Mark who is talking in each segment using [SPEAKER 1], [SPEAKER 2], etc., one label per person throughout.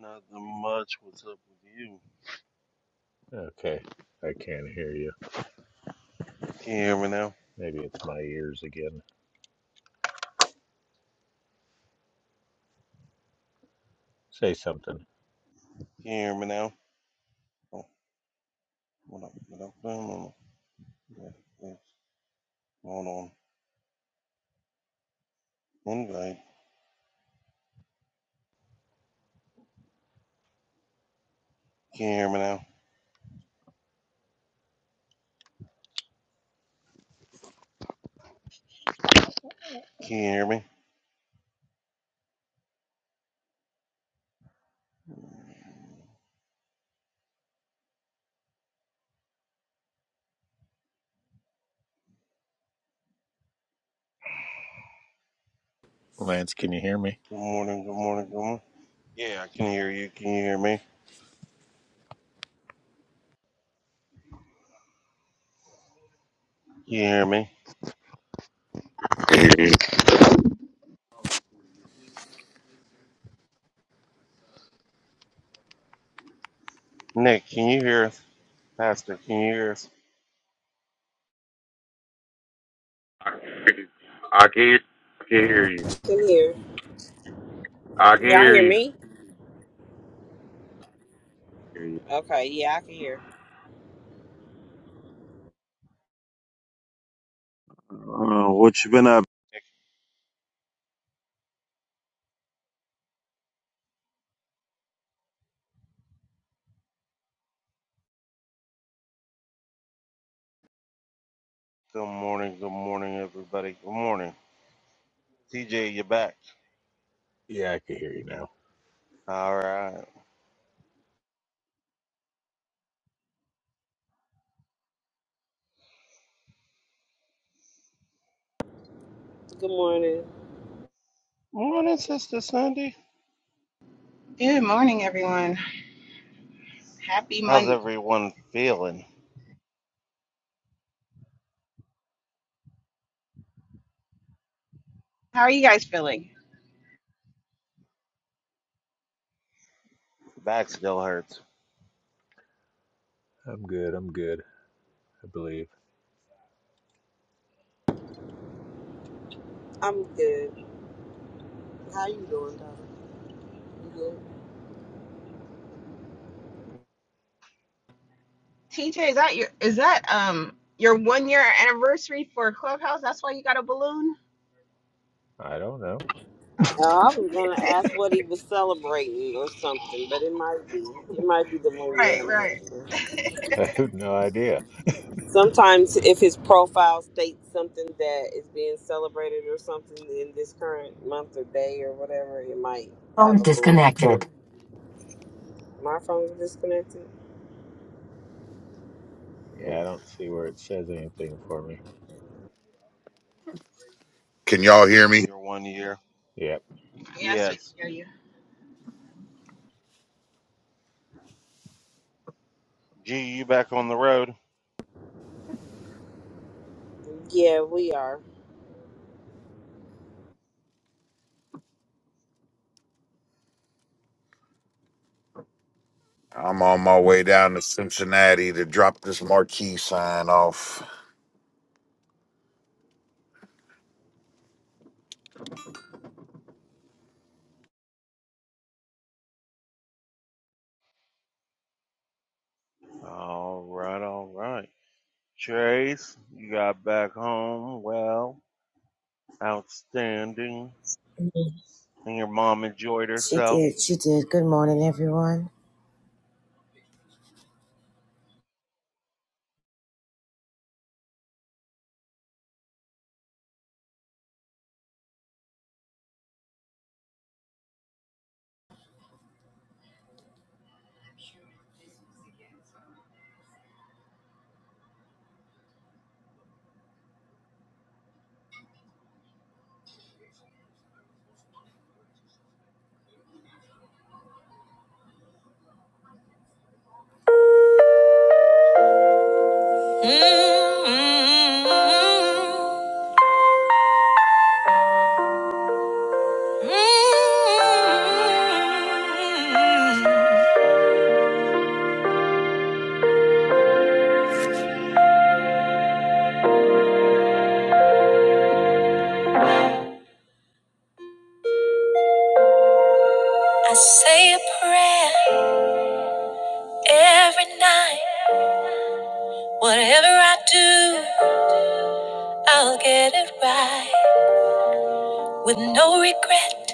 [SPEAKER 1] Nothing much. What's up with you?
[SPEAKER 2] Okay, I can't hear you.
[SPEAKER 1] Can you hear me now?
[SPEAKER 2] Maybe it's my ears again. Say something.
[SPEAKER 1] Can you hear me now? Oh, what up? What up? No, no, no. Yeah, yeah. Hold on. Invite. Can you hear me now? Can you hear me?
[SPEAKER 2] Lance, can you hear me?
[SPEAKER 1] Good morning. Good morning. Good morning. Yeah, I can hear you. Can you hear me? Can you hear me?
[SPEAKER 3] I can hear you.
[SPEAKER 1] Nick, can you hear us? Pastor, can you hear us?
[SPEAKER 3] I can hear you. I can hear you.
[SPEAKER 4] can hear.
[SPEAKER 3] I can
[SPEAKER 4] Can y'all
[SPEAKER 3] hear
[SPEAKER 4] hear
[SPEAKER 3] you.
[SPEAKER 4] me?
[SPEAKER 1] hear you.
[SPEAKER 4] Okay, yeah, I can hear.
[SPEAKER 1] Uh, what you been up? Nick, Good morning. Good morning, everybody. Good morning. TJ, you back.
[SPEAKER 2] Yeah, I can hear you now.
[SPEAKER 1] All right.
[SPEAKER 4] Good morning.
[SPEAKER 1] Morning, Sister Sandy.
[SPEAKER 5] Good morning, everyone. Happy
[SPEAKER 1] How's
[SPEAKER 5] Monday.
[SPEAKER 1] everyone feeling?
[SPEAKER 5] How are you guys feeling?
[SPEAKER 1] Back still hurts.
[SPEAKER 2] I'm good, I'm good, I believe.
[SPEAKER 4] I'm good. How you doing, darling? You good?
[SPEAKER 5] TJ, is that your is that um your one year anniversary for Clubhouse? That's why you got a balloon.
[SPEAKER 2] I don't know.
[SPEAKER 5] Oh,
[SPEAKER 4] Uh, I was gonna ask what he was celebrating or something, but it might be it might be the one year
[SPEAKER 5] right, right.
[SPEAKER 4] anniversary.
[SPEAKER 2] I have no idea.
[SPEAKER 4] Sometimes if his profile states something that is being celebrated or something in this current month or day or whatever, it might have
[SPEAKER 3] Phone
[SPEAKER 4] a balloon too.
[SPEAKER 3] disconnected.
[SPEAKER 4] My phone is disconnected.
[SPEAKER 2] Yeah, I don't see where it says anything for me.
[SPEAKER 3] Can y'all hear me?
[SPEAKER 1] Your one year.
[SPEAKER 2] Yep.
[SPEAKER 5] Yes, we can
[SPEAKER 1] Yes.
[SPEAKER 5] hear you.
[SPEAKER 1] G, you back on the road.
[SPEAKER 4] Yeah, we are.
[SPEAKER 3] I'm on my way down to Cincinnati to drop this marquee sign off.
[SPEAKER 1] All right, all right. Trace, you got back home well. Outstanding. And your mom enjoyed herself.
[SPEAKER 6] Mm-hmm. I say a prayer every night. Whatever I do, I'll get it right. With no regret,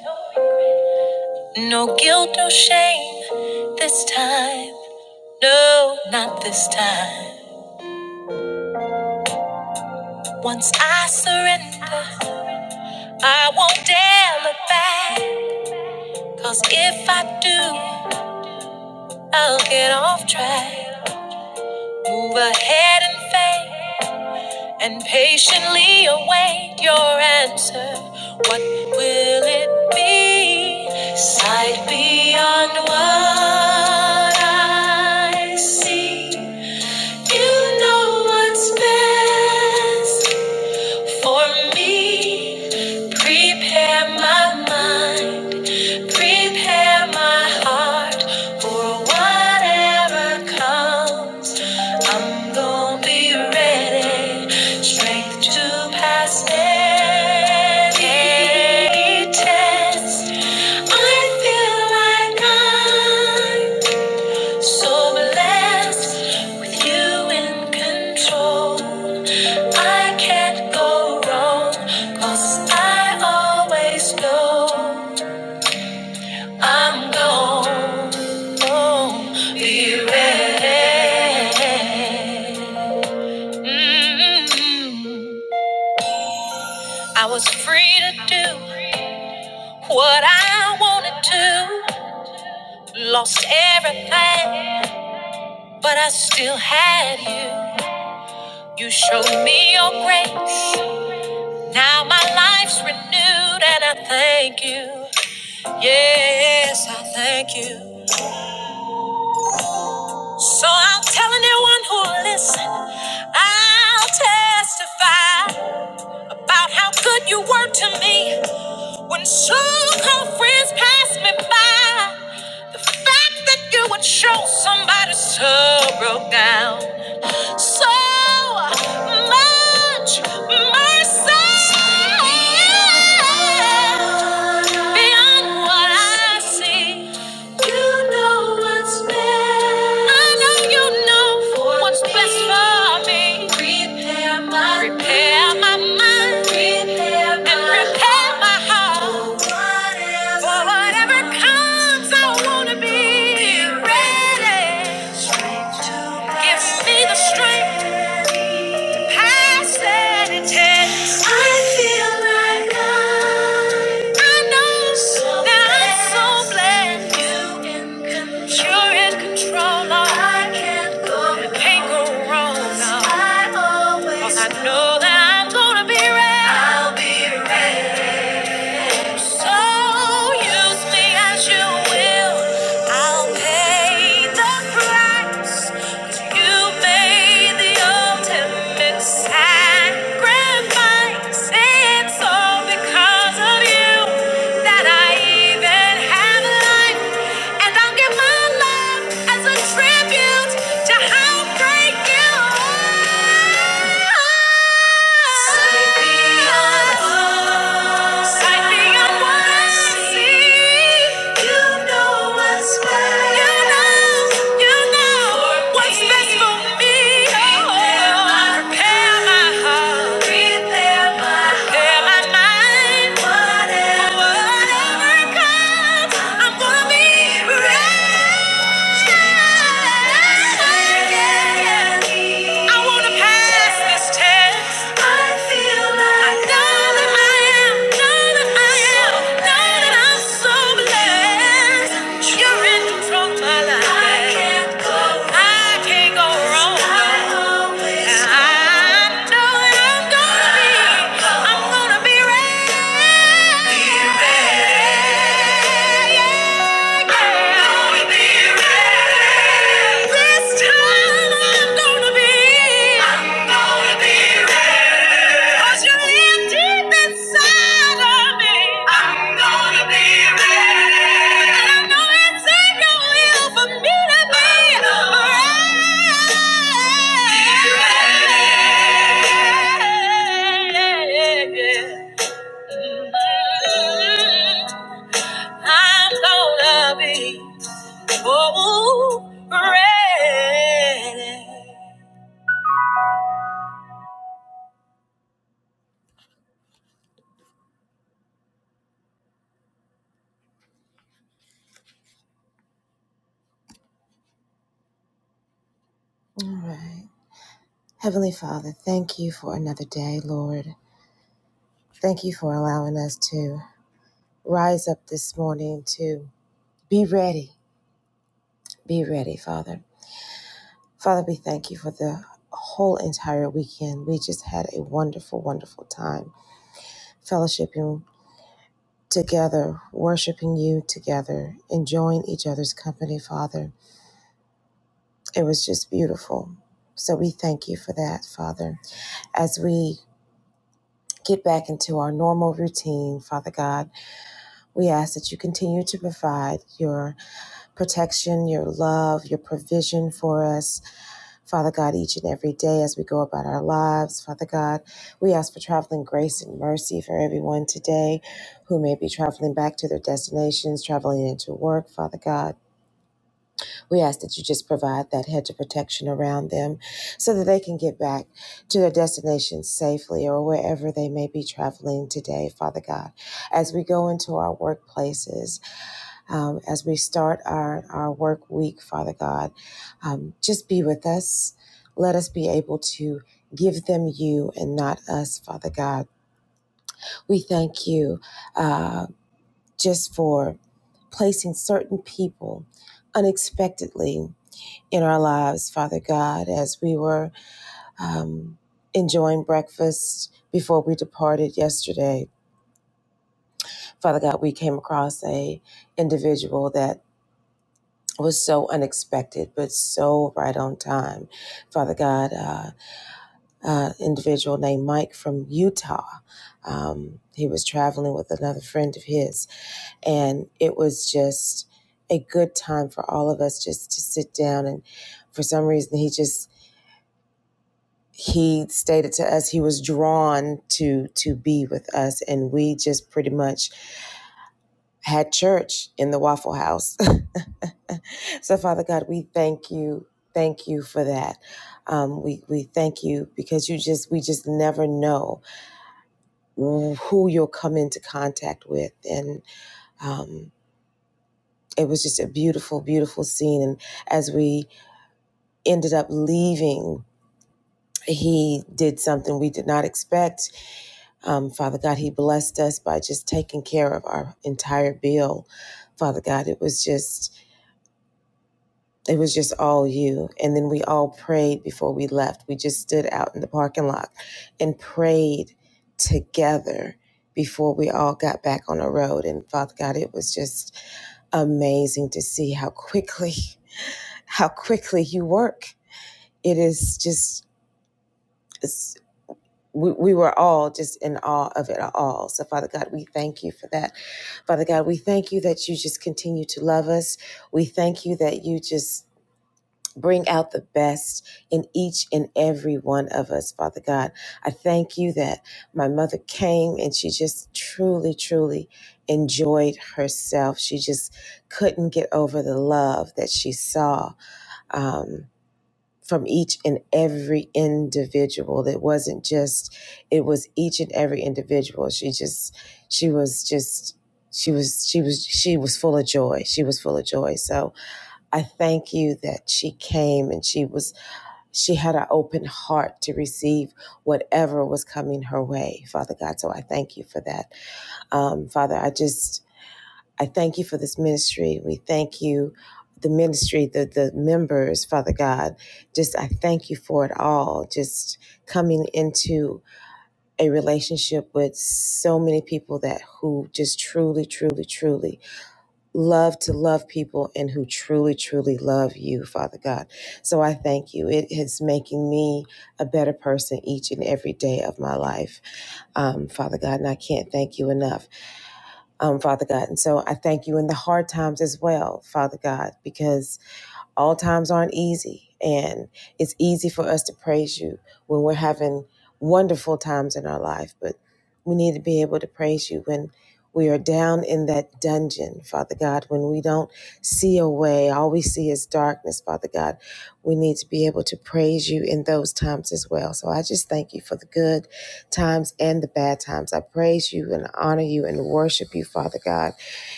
[SPEAKER 6] no guilt, no shame. This time, no, not this time. Once I surrender, I won't dare look back. Cause if I do, I'll get off track. Move ahead in faith and patiently await your answer. What will it be? Sight beyond what I see. You know what's best for me. Prepare my mind, prepare my heart for whatever comes. I'm gonna be ready, strength to pass any test. I feel like I'm so blessed with you in control. I can't go wrong, 'cause I always know I'm gonna be ready. Mm, I was free to do what I wanted to. Lost everything, but I still had you. You showed me your grace. Now my life's renewed, and I thank you. Yes, I thank you. So I'll tell anyone who will listen. I'll testify about how good you were to me. When so-called friends pass me by, the fact that you would show somebody so broke down, so much mercy beyond what I see. You know what's best. I know you know for what's me. best for me. Prepare my prepare my mind. Prepare and my prepare my heart. heart For whatever For whatever comes, I wanna be Be ready. Straight to Give my me the strength to pass any test. I feel like I know so that I'm so blessed. blessed. You are in control. I can't go wrong. no. I always 'Cause know that I'm gonna be right. I'll be so use me as you will. I'll pay the price. 'Cause you made the ultimate sacrifice. It's all because of you that I even have life. And I'll give my love as a tribute to how great you are. I wanna pass this test. This time I'm gonna be, I'm gonna be ready. 'Cause you're here deep inside of me. I'm gonna be ready. And I know it's in your will for me to be be ready. I'm gonna be oh, ready.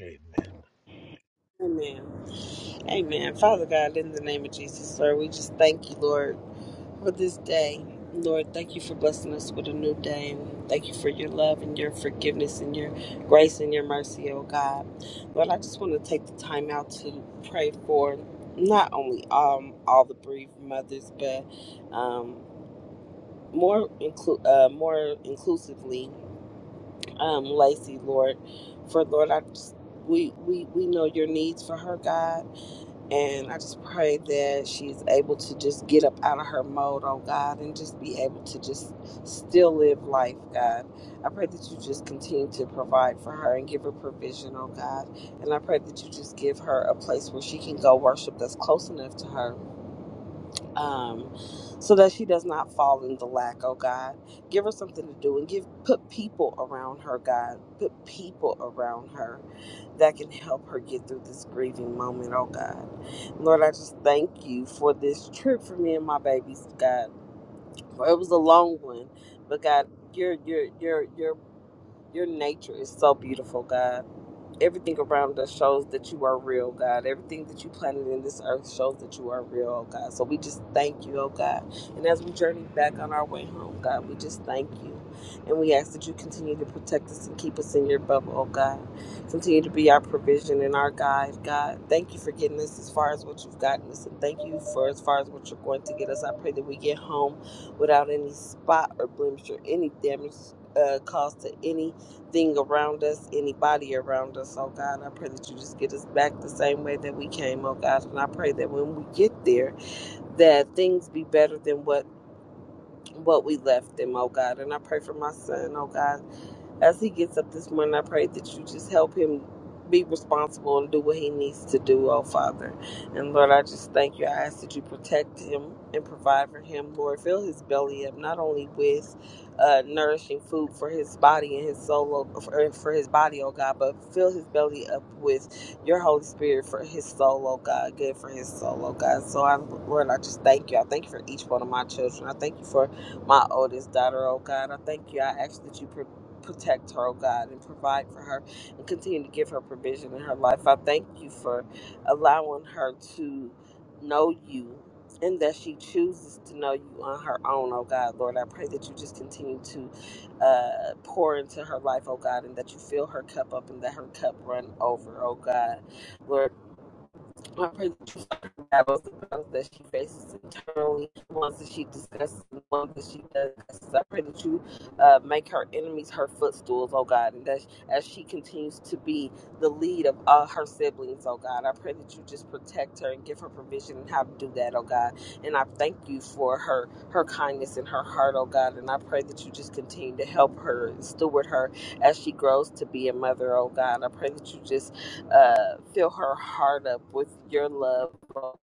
[SPEAKER 2] Amen.
[SPEAKER 4] Amen. Amen. Father God, in the name of Jesus, Lord, we just thank you, Lord, for this day. Lord, thank you for blessing us with a new day. And we thank you for your love and your forgiveness and your grace and your mercy, oh God. Lord, I just want to take the time out to pray for not only um all the bereaved mothers, but um more inclu- uh, more inclusively, um, Lacey, Lord, for Lord, I just we we we know your needs for her, God and I just pray that she's able to just get up out of her mode, oh God, and just be able to just still live life, God. I pray that you just continue to provide for her and give her provision, oh God. And I pray that you just give her a place where she can go worship that's close enough to her um, so that she does not fall into lack, oh God. Give her something to do and give put people around her, God. Put people around her that can help her get through this grieving moment, oh God. Lord, I just thank you for this trip for me and my babies, God. It was a long one, but God, your your your your your nature is so beautiful, God everything around us shows that you are real, God. Everything that you planted in this earth shows that you are real, oh God. So we just thank you, oh God. And as we journey back on our way home, God, we just thank you. And we ask that you continue to protect us and keep us in your bubble, oh God. Continue to be our provision and our guide, God. Thank you for getting us as far as what you've gotten us, and thank you for as far as what you're going to get us. I pray that we get home without any spot or blemish or any damage uh, caused to any thing around us, anybody around us, oh God. I pray that you just get us back the same way that we came, oh God. And I pray that when we get there, that things be better than what what we left him, oh God. And I pray for my son, oh God. As he gets up this morning, I pray that you just help him be responsible and do what he needs to do, oh Father. And Lord, I just thank you. I ask that you protect him and provide for him, Lord. Fill his belly up, not only with uh, nourishing food for his body and his soul, oh, for, uh, for his body, oh God, but fill his belly up with your Holy Spirit for his soul, oh God, good for his soul, oh God. So, I, Lord, I just thank you. I thank you for each one of my children. I thank you for my oldest daughter, oh God. I thank you. I ask that you pro- protect her, oh God, and provide for her and continue to give her provision in her life. I thank you for allowing her to know you and that she chooses to know you on her own, oh God. Lord, I pray that you just continue to uh, pour into her life, oh God, and that you fill her cup up and that her cup run over, oh God. Lord. I pray that you fight her battles, the battles that she faces internally, the ones that she discusses, the ones that she does. discuss. I pray that you uh, make her enemies her footstools, oh God, and that as she continues to be the lead of all her siblings, oh God, I pray that you just protect her and give her provision and how to do that, oh God. And I thank you for her her kindness and her heart, oh God, and I pray that you just continue to help her and steward her as she grows to be a mother, oh God. I pray that you just uh, fill her heart up with your love for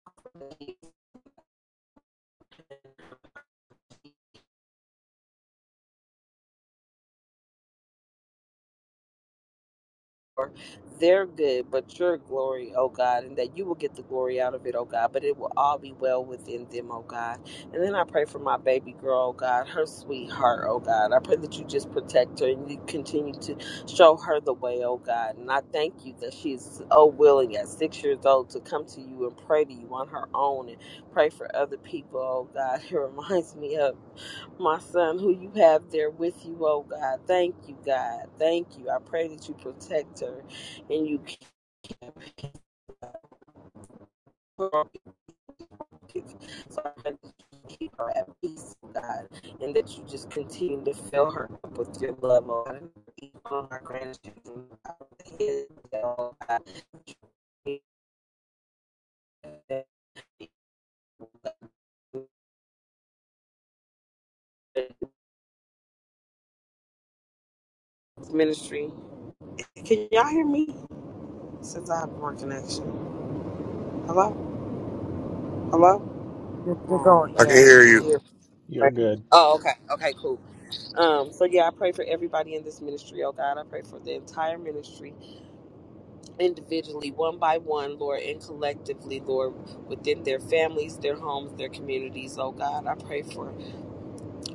[SPEAKER 4] their good, but your glory, oh God, and that you will get the glory out of it, oh God, but it will all be well within them, oh God. And then I pray for my baby girl, oh God, her sweetheart, oh God. I pray that you just protect her and you continue to show her the way, oh God. And I thank you that she's so willing at six years old to come to you and pray to you on her own and pray for other people, oh God. It reminds me of my son who you have there with you, oh God. Thank you, God. Thank you. I pray that you protect her and you keep her, so I pray that you keep her at peace, oh God, and that you just continue to fill her up with your love, oh God. and keep On our grandchildren, oh God. This ministry. Can y'all hear me? Since I have more connection. Hello? Hello? Oh,
[SPEAKER 3] I
[SPEAKER 4] they
[SPEAKER 3] can
[SPEAKER 4] may be
[SPEAKER 3] hear
[SPEAKER 4] gonna
[SPEAKER 3] you.
[SPEAKER 4] hear
[SPEAKER 2] You're
[SPEAKER 4] Right.
[SPEAKER 2] good.
[SPEAKER 4] Oh, okay. Okay, cool. Um, so yeah, I pray for everybody in this ministry, oh God. I pray for the entire ministry individually, one by one, Lord, and collectively, Lord, within their families, their homes, their communities, oh God. I pray for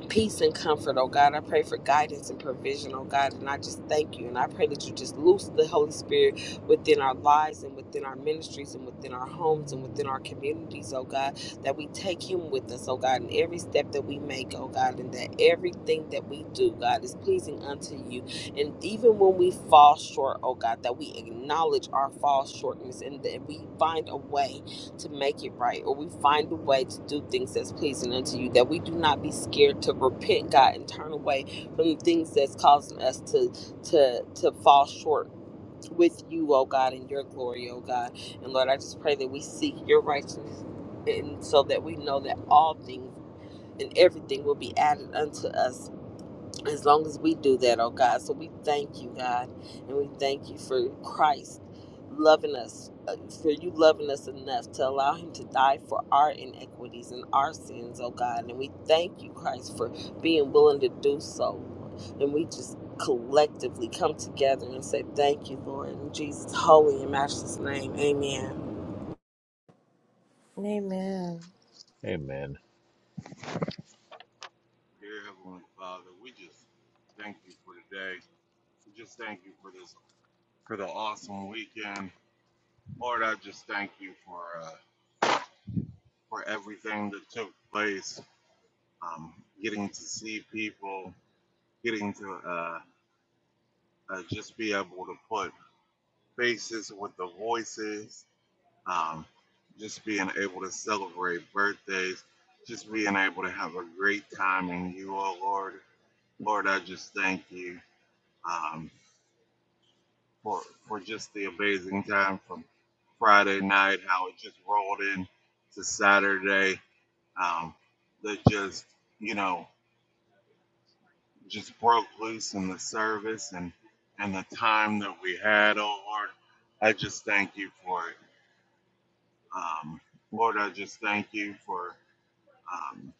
[SPEAKER 4] peace and comfort, oh God. I pray for guidance and provision, oh God. And I just thank you. And I pray that you just loose the Holy Spirit within our lives and within our ministries and within our homes and within our communities, oh God. That we take him with us, oh God, in every step that we make, oh God. And that everything that we do, God, is pleasing unto you. And even when we fall short, oh God, that we acknowledge our fall shortness and that we find a way to make it right or we find a way to do things that's pleasing unto you that we do not be scared to repent god and turn away from the things that's causing us to to to fall short with you oh god in your glory oh god and lord i just pray that we seek your righteousness and so that we know that all things and everything will be added unto us as long as we do that, oh God. So we thank you, God, and we thank you for Christ loving us, uh, for you loving us enough to allow Him to die for our inequities and our sins, oh God. And we thank you, Christ, for being willing to do so. And we just collectively come together and say thank you, Lord, in Jesus' holy and matchless name. Amen.
[SPEAKER 2] Amen.
[SPEAKER 1] Dear Heavenly Father, we just thank you for today. We just thank you for this, for the awesome weekend. Lord, I just thank you for, uh, for everything that took place. Um, getting to see people, getting to, uh, uh, just be able to put faces with the voices, um, just being able to celebrate birthdays, just being able to have a great time in you, oh Lord. Lord, I just thank you um, for for just the amazing time from Friday night, how it just rolled in to Saturday, um, that just you know just broke loose in the service and and the time that we had, oh Lord. I just thank you for it. Um, Lord, I just thank you for um,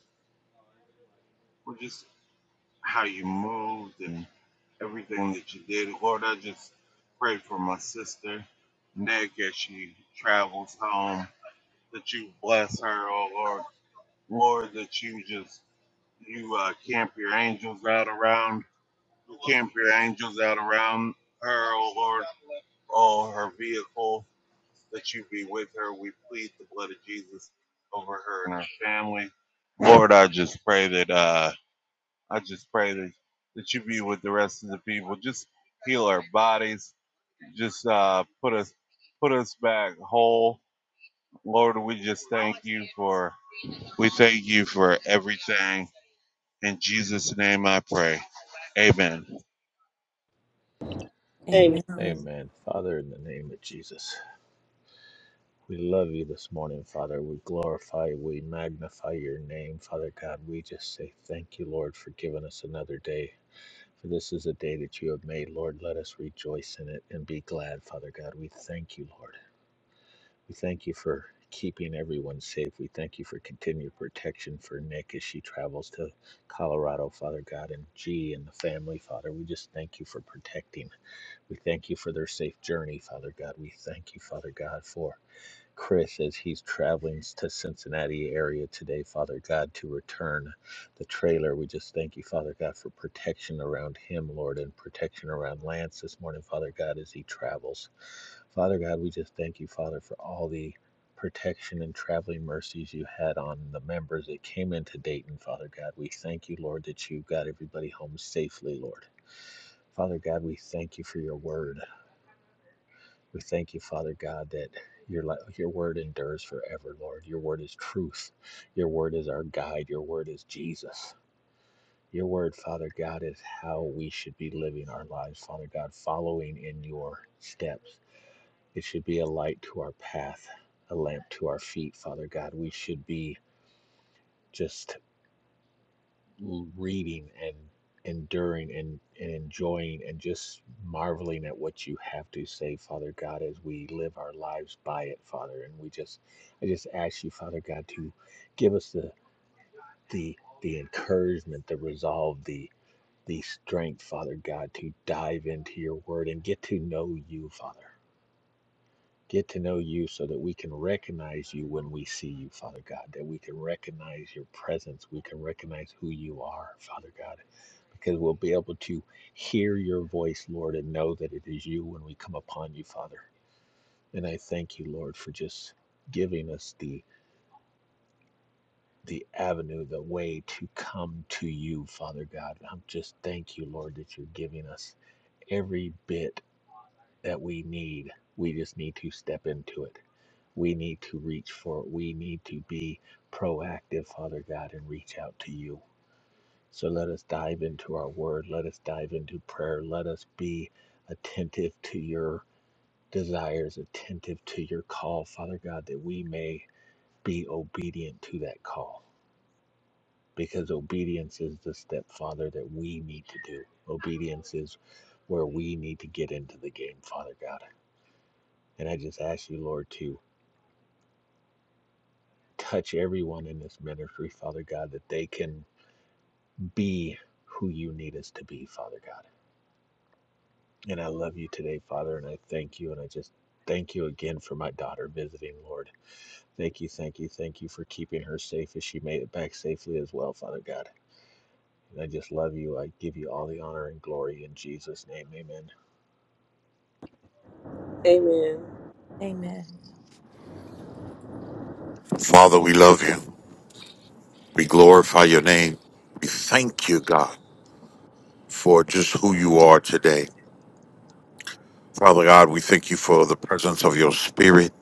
[SPEAKER 1] for just how you moved and everything that you did. Lord, I just pray for my sister, Nick, as she travels home, that you bless her, oh Lord. Lord, that you just, you uh, camp your angels out around, you camp your angels out around her, oh Lord, oh, her vehicle, that you be with her. We plead the blood of Jesus over her and her family. Lord, I just pray that uh, I just pray that that you be with the rest of the people. Just heal our bodies. Just uh, put us put us back whole. Lord, we just thank you for we thank you for everything. In Jesus' name, I pray. Amen.
[SPEAKER 4] Amen.
[SPEAKER 2] Amen. Father, in the name of Jesus, we love you this morning, Father. We glorify, we magnify your name, Father God. We just say thank you, Lord, for giving us another day. For this is a day that you have made, Lord. Let us rejoice in it and be glad, Father God. We thank you, Lord. We thank you for keeping everyone safe. We thank you for continued protection for Nick as she travels to Colorado, Father God, and G and the family, Father. We just thank you for protecting. We thank you for their safe journey, Father God. We thank you, Father God, for Chris as he's traveling to Cincinnati area today, Father God, to return the trailer. We just thank you, Father God, for protection around him, Lord, and protection around Lance this morning, Father God, as he travels. Father God, we just thank you, Father, for all the protection and traveling mercies you had on the members that came into Dayton, Father God. We thank you, Lord, that you got everybody home safely, Lord. Father God, we thank you for your word. We thank you, Father God, that your your word endures forever, Lord. Your word is truth. Your word is our guide. Your word is Jesus. Your word, Father God, is how we should be living our lives, Father God, following in your steps. It should be a light to our path, a lamp to our feet, Father God. We should be just reading and enduring and, and enjoying and just marveling at what you have to say, Father God, as we live our lives by it, Father. And we just, I just ask you, Father God, to give us the the the encouragement, the resolve, the the strength, Father God, to dive into your word and get to know you, Father. Get to know you so that we can recognize you when we see you, Father God, that we can recognize your presence. We can recognize who you are, Father God because we'll be able to hear your voice, Lord, and know that it is you when we come upon you, Father. And I thank you, Lord, for just giving us the the avenue, the way to come to you, Father God. I'm just thank you, Lord, that you're giving us every bit that we need. We just need to step into it. We need to reach for it. We need to be proactive, Father God, and reach out to you. So let us dive into our word. Let us dive into prayer. Let us be attentive to your desires, attentive to your call, Father God, that we may be obedient to that call. Because obedience is the step, Father, that we need to do. Obedience is where we need to get into the game, Father God. And I just ask you, Lord, to touch everyone in this ministry, Father God, that they can be who you need us to be, Father God And I love you today, Father, and I thank you. And I just thank you again for my daughter visiting, Lord. Thank you, thank you, thank you for keeping her safe as she made it back safely as well, Father God. And I just love you. I give you all the honor and glory in Jesus' name. Amen.
[SPEAKER 4] Amen.
[SPEAKER 3] Father, we love you. We glorify your name. We thank you, God, for just who you are today. Father God, we thank you for the presence of your spirit.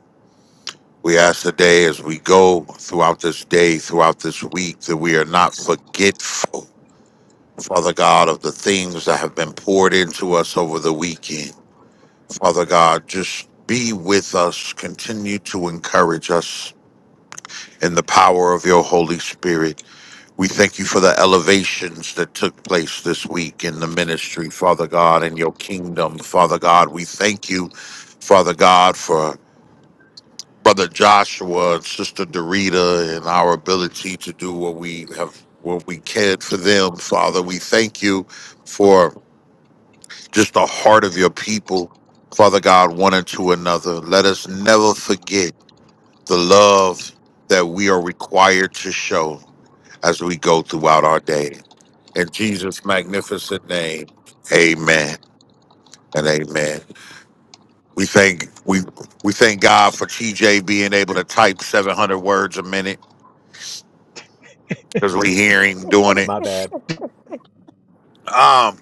[SPEAKER 3] We ask today as we go throughout this day, throughout this week, that we are not forgetful. Father God, of the things that have been poured into us over the weekend. Father God, just be with us. Continue to encourage us in the power of your Holy Spirit. We thank you for the elevations that took place this week in the ministry, Father God, in your kingdom. Father God, we thank you, Father God, for Brother Joshua and Sister Dorita and our ability to do what we have, what we cared for them, Father. We thank you for. just the heart of your people, Father God, one unto another. Let us never forget the love that we are required to show as we go throughout our day. In Jesus' magnificent name, amen and amen. We thank we we thank God for TJ being able to type 700 words a minute because we hear him doing it.
[SPEAKER 2] My bad.
[SPEAKER 3] Um.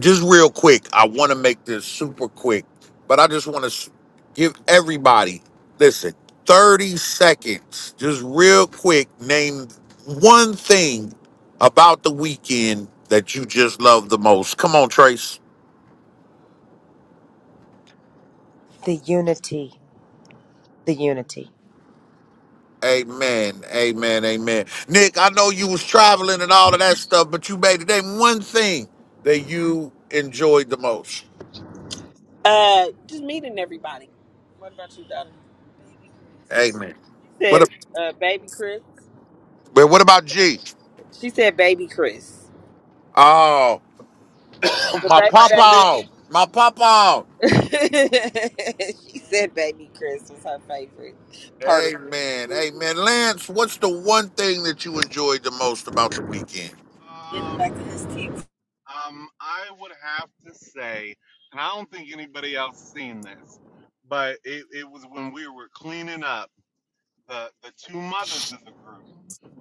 [SPEAKER 3] just real quick, I want to make this super quick, but I just want to give everybody, listen, 30 seconds, just real quick, name one thing about the weekend that you just love the most. Come on, Trace. Amen. Amen. Amen. Nick, I know you was traveling and all of that stuff, but you made it. Name one thing that you enjoyed the most.
[SPEAKER 4] Uh, just meeting everybody. What about you, daughter?
[SPEAKER 3] Amen.
[SPEAKER 4] She
[SPEAKER 3] What,
[SPEAKER 4] said,
[SPEAKER 3] a-
[SPEAKER 4] uh, "Baby Chris."
[SPEAKER 3] but what about G?
[SPEAKER 4] She said, "Baby Chris."
[SPEAKER 3] Oh.
[SPEAKER 4] The
[SPEAKER 3] My
[SPEAKER 4] baby, baby.
[SPEAKER 3] papa. My papa.
[SPEAKER 4] she said, "Baby Chris" was her favorite part of
[SPEAKER 3] Amen.
[SPEAKER 4] everything.
[SPEAKER 3] Amen. Lance, what's the one thing that you enjoyed the most about the weekend?
[SPEAKER 4] Getting
[SPEAKER 1] Um
[SPEAKER 4] back to his teeth.
[SPEAKER 1] Um, I would have to say, and I don't think anybody else seen this, but it, it was when we were cleaning up the the two mothers of the group.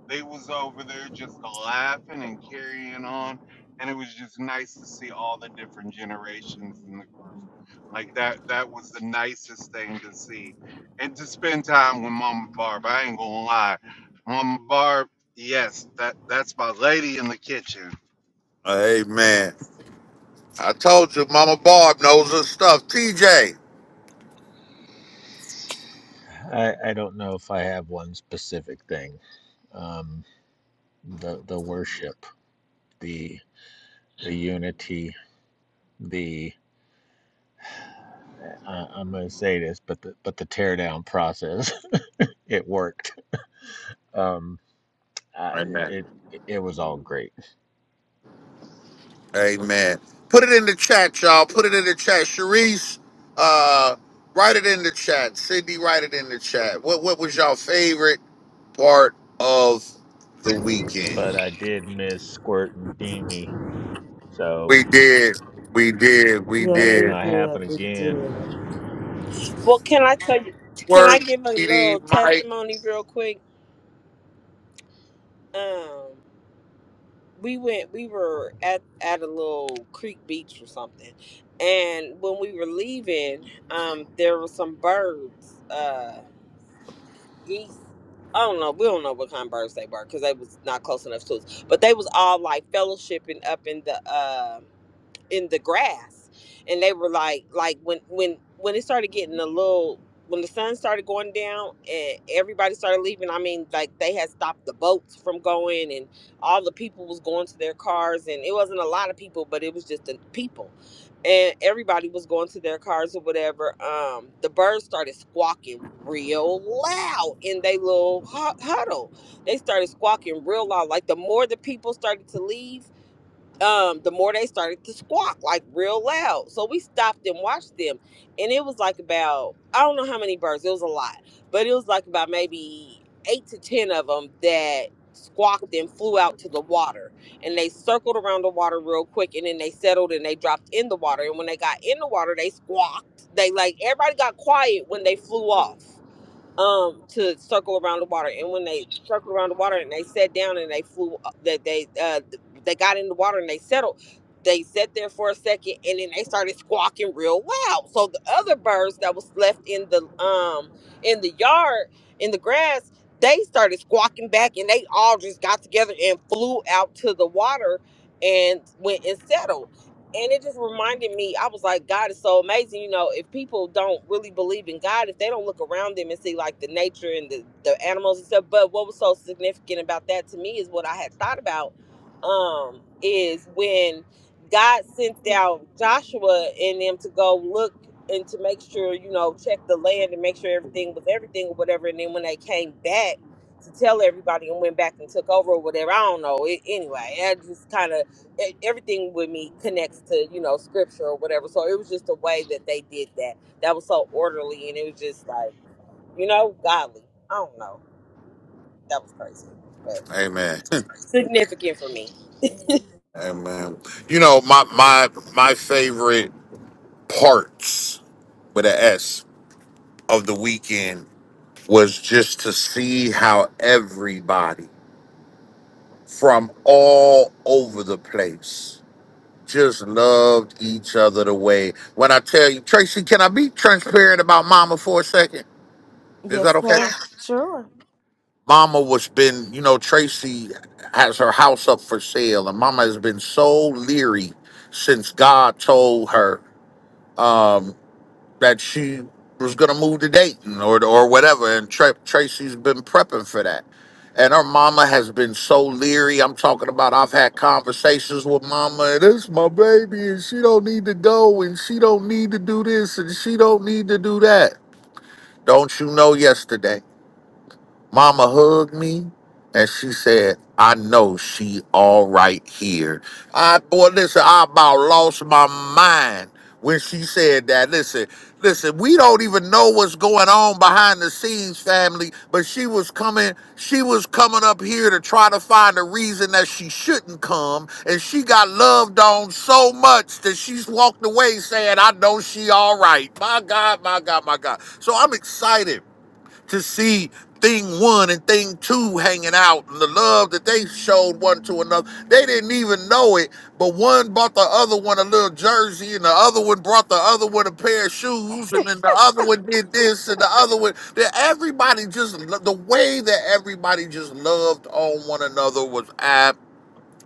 [SPEAKER 1] They was over there just laughing and carrying on, and it was just nice to see all the different generations in the group. Like that that was the nicest thing to see, and to spend time with Mama Barb. I ain't gonna lie, Mama Barb. Yes, that that's my lady in the kitchen
[SPEAKER 3] Amen. I told you, Mama Barb knows her stuff. TJ.
[SPEAKER 2] I, I don't know if I have one specific thing. Um, the the worship, the the unity, the I, I'm going to say this, but the but the teardown process, it worked. Um, I,
[SPEAKER 3] Amen.
[SPEAKER 2] it it it was all great.
[SPEAKER 3] Amen. Put it in the chat, y'all. Put it in the chat. Sharice, uh, write it in the chat. Sydney, write it in the chat. What what was y'all favorite part of the weekend?
[SPEAKER 2] But I did miss Squirt and Dini, so
[SPEAKER 3] We did. We did. We
[SPEAKER 2] that ain't
[SPEAKER 3] did.
[SPEAKER 2] gonna happen again.
[SPEAKER 4] Well, can I tell you? Can I
[SPEAKER 3] Work,
[SPEAKER 4] give a
[SPEAKER 3] PD,
[SPEAKER 4] little
[SPEAKER 3] Mike.
[SPEAKER 4] testimony real quick? Um, we went. We were at at a little creek beach or something, and when we were leaving, um, there were some birds. Uh. geese. I don't know. We don't know what kind of birds they were because they was not close enough to us. But they was all like fellowshipping up in the uh, in the grass, and they were like like when when when it started getting a little when the sun started going down and everybody started leaving. I mean, like they had stopped the boats from going, and all the people was going to their cars, and it wasn't a lot of people, but it was just the people and everybody was going to their cars or whatever. Um, the birds started squawking real loud in their little hu- huddle. They started squawking real loud. Like the more the people started to leave, um, the more they started to squawk like real loud. So we stopped and watched them, and it was like about I don't know how many birds. It was a lot, but it was like about maybe eight to ten of them that squawked and flew out to the water, and they circled around the water real quick, and then they settled and they dropped in the water. And when they got in the water, they squawked. They like everybody got quiet when they flew off um to circle around the water and when they circled around the water and they sat down and they flew uh, that they uh they got in the water and they settled they sat there for a second and then they started squawking real loud so the other birds that was left in the um in the yard in the grass they started squawking back and they all just got together and flew out to the water and went and settled and it just reminded me i was like god is so amazing you know if people don't really believe in god if they don't look around them and see like the nature and the, the animals and stuff but what was so significant about that to me is what i had thought about um is when god sent out joshua and them to go look and to make sure you know check the land and make sure everything was everything or whatever and then when they came back to tell everybody and went back and took over or whatever i don't know it, anyway i just kind of e- everything with me connects to you know scripture or whatever so it was just the way that they did that that was so orderly and it was just like you know godly i don't know that was crazy but
[SPEAKER 3] Amen.
[SPEAKER 4] significant for me
[SPEAKER 3] Amen. You know, my my my favorite parts with a S of the weekend was just to see how everybody from all over the place just loved each other the way. When I tell you, Tracy, can I be transparent about Mama for a second? Is that okay? Yeah. Mama was been, you know, Tracy has her house up for sale, and Mama has been so leery since God told her um, that she was gonna move to Dayton or or whatever, and Tra- Tracy's been prepping for that. And her mama has been so leery. I'm talking about. I've had conversations with mama. And it's my baby, and she don't need to go, and she don't need to do this, and she don't need to do that. Don't you know? Yesterday. Mama hugged me and she said, I know she all right here. I boy, listen, I about lost my mind when she said that. Listen, listen, we don't even know what's going on behind the scenes, family, but she was coming, she was coming up here to try to find a reason that she shouldn't come. And she got loved on so much that she's walked away saying, I know she all right. My God, my God, my God. So I'm excited to see thing one and thing two hanging out and the love that they showed one to another. They didn't even know it, but one bought the other one a little jersey and the other one brought the other one a pair of shoes and then the other one did this and the other one. That everybody just, the way that everybody just loved on one another was ab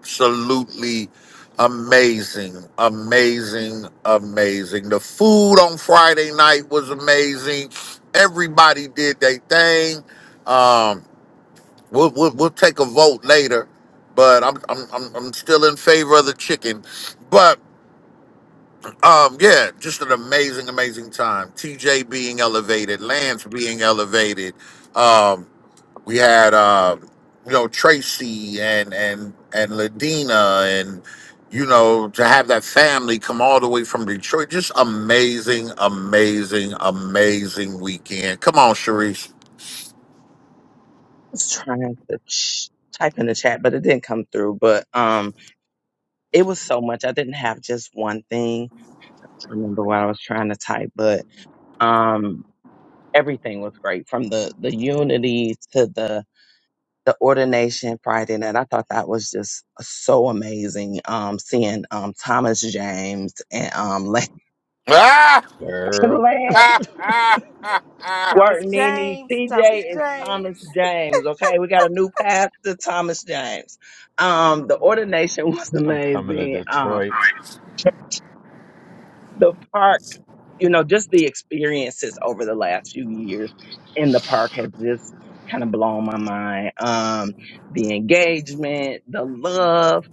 [SPEAKER 3] absolutely amazing, amazing, amazing. The food on Friday night was amazing. Everybody did their thing. Um, we'll, we'll, we'll take a vote later, but I'm, I'm, I'm, I'm still in favor of the chicken. But um, yeah, just an amazing, amazing time. TJ being elevated, Lance being elevated. Um, we had uh, you know Tracy and and and Ladina and you know to have that family come all the way from Detroit. Just amazing, amazing, amazing weekend. Come on, Sharice.
[SPEAKER 7] was trying to ch- type in the chat, but it didn't come through. But um, it was so much. I didn't have just one thing. Remember what I was trying to type, but um, everything was great from the the unity to the the ordination Friday night. I thought that was just so amazing. Um, seeing um Thomas James and um Lance
[SPEAKER 3] Ah!
[SPEAKER 2] Girl,
[SPEAKER 3] Ah! Ah! Ah! Ah!
[SPEAKER 7] Squirt Nene. TJ is Thomas James. Okay, we got a new pastor, Thomas James. Um, the ordination was
[SPEAKER 2] I'm coming to
[SPEAKER 7] amazing. Um
[SPEAKER 2] Detroit.
[SPEAKER 7] the park, you know, just the experiences over the last few years in the park has just kind of blown my mind. Um, the engagement, the love.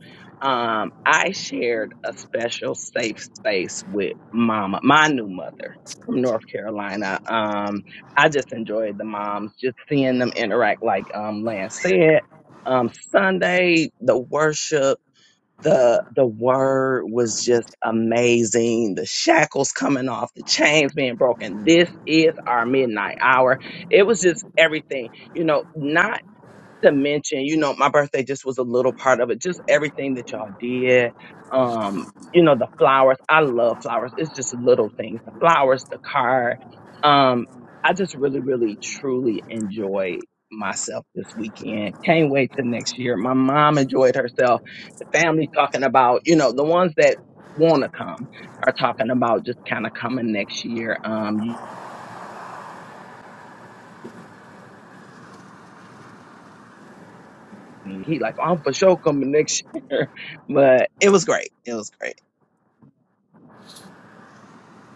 [SPEAKER 7] Um, I shared a special safe space with mama, my new mother from North Carolina. Um, I just enjoyed the moms, just seeing them interact like um Lance said. Um, Sunday, the worship the the word was just amazing the shackles coming off the chains being broken this is our midnight hour it was just everything you know not to mention, you know, my birthday just was a little part of it. Just everything that y'all did. Um, you know, the flowers. I love flowers. It's just little things. The flowers, the card. Um, I just really, really truly enjoyed myself this weekend. Can't wait till next year. My mom enjoyed herself. The family talking about, you know, the ones that wanna come are talking about just kind of coming next year. Um he like, I'm for sure coming next year. But it was great. It was great.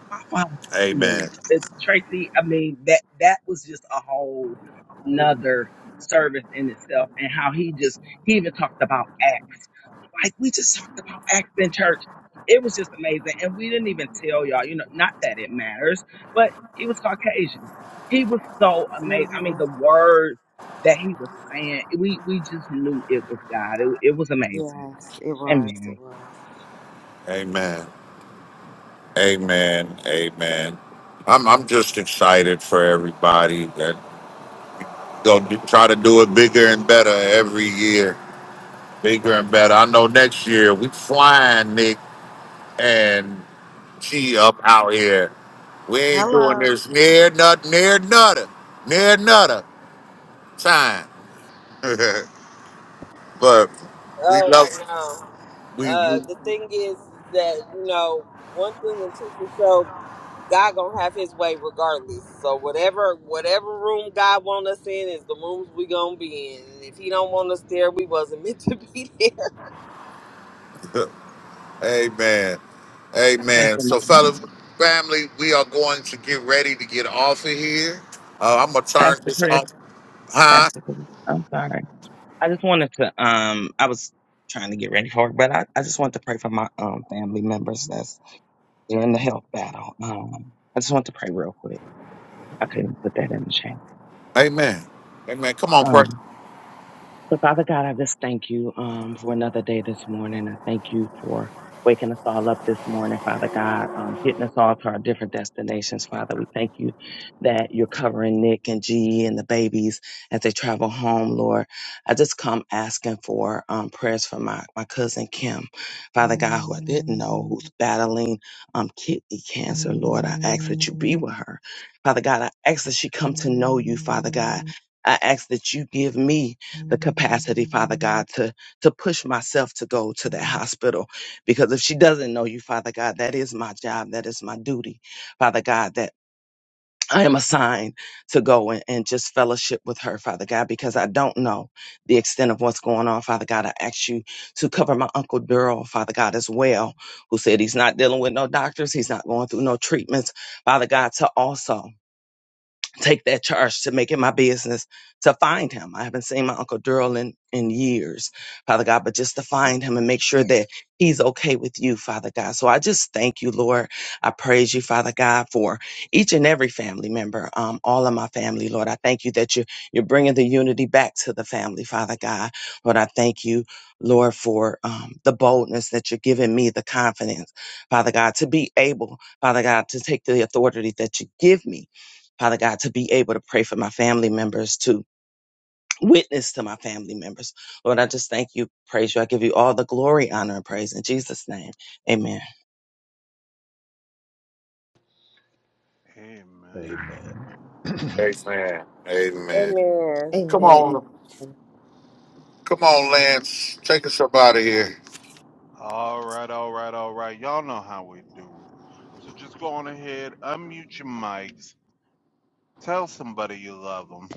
[SPEAKER 7] my father
[SPEAKER 3] Amen.
[SPEAKER 7] man, the Tracy, I mean, that that was just a whole nother service in itself and how he just he even talked about acts. Like we just talked about acts in church. It was just amazing. And we didn't even tell y'all, you know, not that it matters, but he was Caucasian. He was so amazing. I mean, the words that he was saying, we we just knew it was God. It, it was amazing. So, amen.
[SPEAKER 3] Amen. Amen. Amen. I'm I'm just excited for everybody that go do, try to do it bigger and better every year. Bigger and better. I know next year we flying, and she up out here. We ain't doing this near nut near nutter near nutter time. but we
[SPEAKER 4] oh i
[SPEAKER 3] love
[SPEAKER 4] know
[SPEAKER 3] we,
[SPEAKER 4] uh
[SPEAKER 3] we
[SPEAKER 4] the thing is that you know one thing and two for sure god gonna have his way regardless so whatever whatever room god want us in is the rooms we gonna be in and if he don't want us there we wasn't meant to be there
[SPEAKER 3] amen
[SPEAKER 7] Praise
[SPEAKER 3] amen.
[SPEAKER 7] the
[SPEAKER 3] So
[SPEAKER 7] Lord.
[SPEAKER 3] fellas, family, we are going to get ready to get off of here. Uh, I'm gonna turn
[SPEAKER 7] Pastor
[SPEAKER 3] this
[SPEAKER 7] Chris,
[SPEAKER 3] off, huh?
[SPEAKER 7] Pastor Chris, I'm sorry. I just wanted to um I was trying to get ready for it, but I, I just wanted to pray for my um family members that's they're in the health battle. Um I just want to pray real quick. I couldn't put that in the chat.
[SPEAKER 3] Amen. Amen. Come on, pray.
[SPEAKER 7] Um, So, Father God, I just thank you um, for another day this morning. I thank you for waking us all up this morning, Father God, um, getting us all to our different destinations, Father. We thank you that you're covering Nick and G and the babies as they travel home, Lord. I just come asking for um, prayers for my, my cousin Kim, Father God, who I didn't know, who's battling um, kidney cancer, Lord. I ask that you be with her. Father God, I ask that she come to know you, Father God. I ask that you give me the capacity, Father God, to to push myself to go to that hospital. Because if she doesn't know you, Father God, that is my job. That is my duty, Father God, that I am assigned to go and, and just fellowship with her, Father God, because I don't know the extent of what's going on, Father God. I ask you to cover my Uncle Daryl, Father God, as well, who said he's not dealing with no doctors, he's not going through no treatments, Father God, to also take that charge to make it my business to find him. I haven't seen my Uncle Daryl in, in years, Father God, but just to find him and make sure that he's okay with you, Father God. So I just thank you, Lord. I praise you, Father God, for each and every family member, um, all of my family, Lord. I thank you that you, you're bringing the unity back to the family, Father God. Lord, I thank you, Lord, for um, the boldness that you're giving me, the confidence, Father God, to be able, Father God, to take the authority that you give me Father God, to be able to pray for my family members, to witness to my family members. Lord, I just thank you, praise you. I give you all the glory, honor, and praise in Jesus' name. Amen.
[SPEAKER 1] Amen.
[SPEAKER 2] Amen.
[SPEAKER 3] Amen.
[SPEAKER 4] amen
[SPEAKER 3] Come on, Lance. Take us up out of here.
[SPEAKER 1] All right, all right, all right. Y'all know how we do. So just go on ahead, unmute your mics, tell somebody you love them.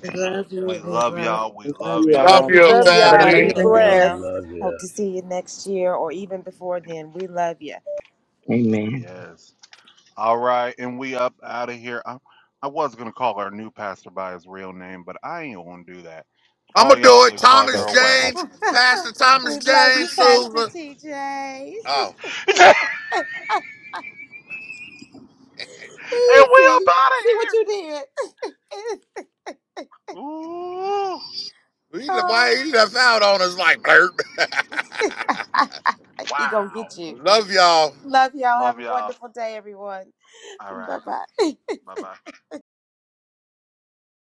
[SPEAKER 1] We love y'all. We
[SPEAKER 7] Love
[SPEAKER 1] love
[SPEAKER 7] You
[SPEAKER 1] y'all.
[SPEAKER 3] Love
[SPEAKER 7] all.
[SPEAKER 3] you,
[SPEAKER 4] love
[SPEAKER 7] Have an
[SPEAKER 4] y'all be
[SPEAKER 3] family.
[SPEAKER 7] amazing
[SPEAKER 2] Love y'all.
[SPEAKER 7] day.
[SPEAKER 4] blessed
[SPEAKER 2] Love ya.
[SPEAKER 7] Amen.
[SPEAKER 1] Yes. All right, and we up out of here. I, I was gonna call our new pastor by his real name, but I ain't gonna do that.
[SPEAKER 3] I'm
[SPEAKER 1] All
[SPEAKER 3] gonna do
[SPEAKER 1] y'all
[SPEAKER 3] it.
[SPEAKER 1] live
[SPEAKER 2] I
[SPEAKER 1] farther
[SPEAKER 3] Thomas
[SPEAKER 2] cut. I
[SPEAKER 1] away.
[SPEAKER 3] James, Pastor Thomas James Silver. Oh,
[SPEAKER 1] and we up out of here. Ooh,
[SPEAKER 3] he, le- why he left out on us like blurb.
[SPEAKER 1] wow.
[SPEAKER 3] Love y'all.
[SPEAKER 1] Love y'all. All right. Bye bye.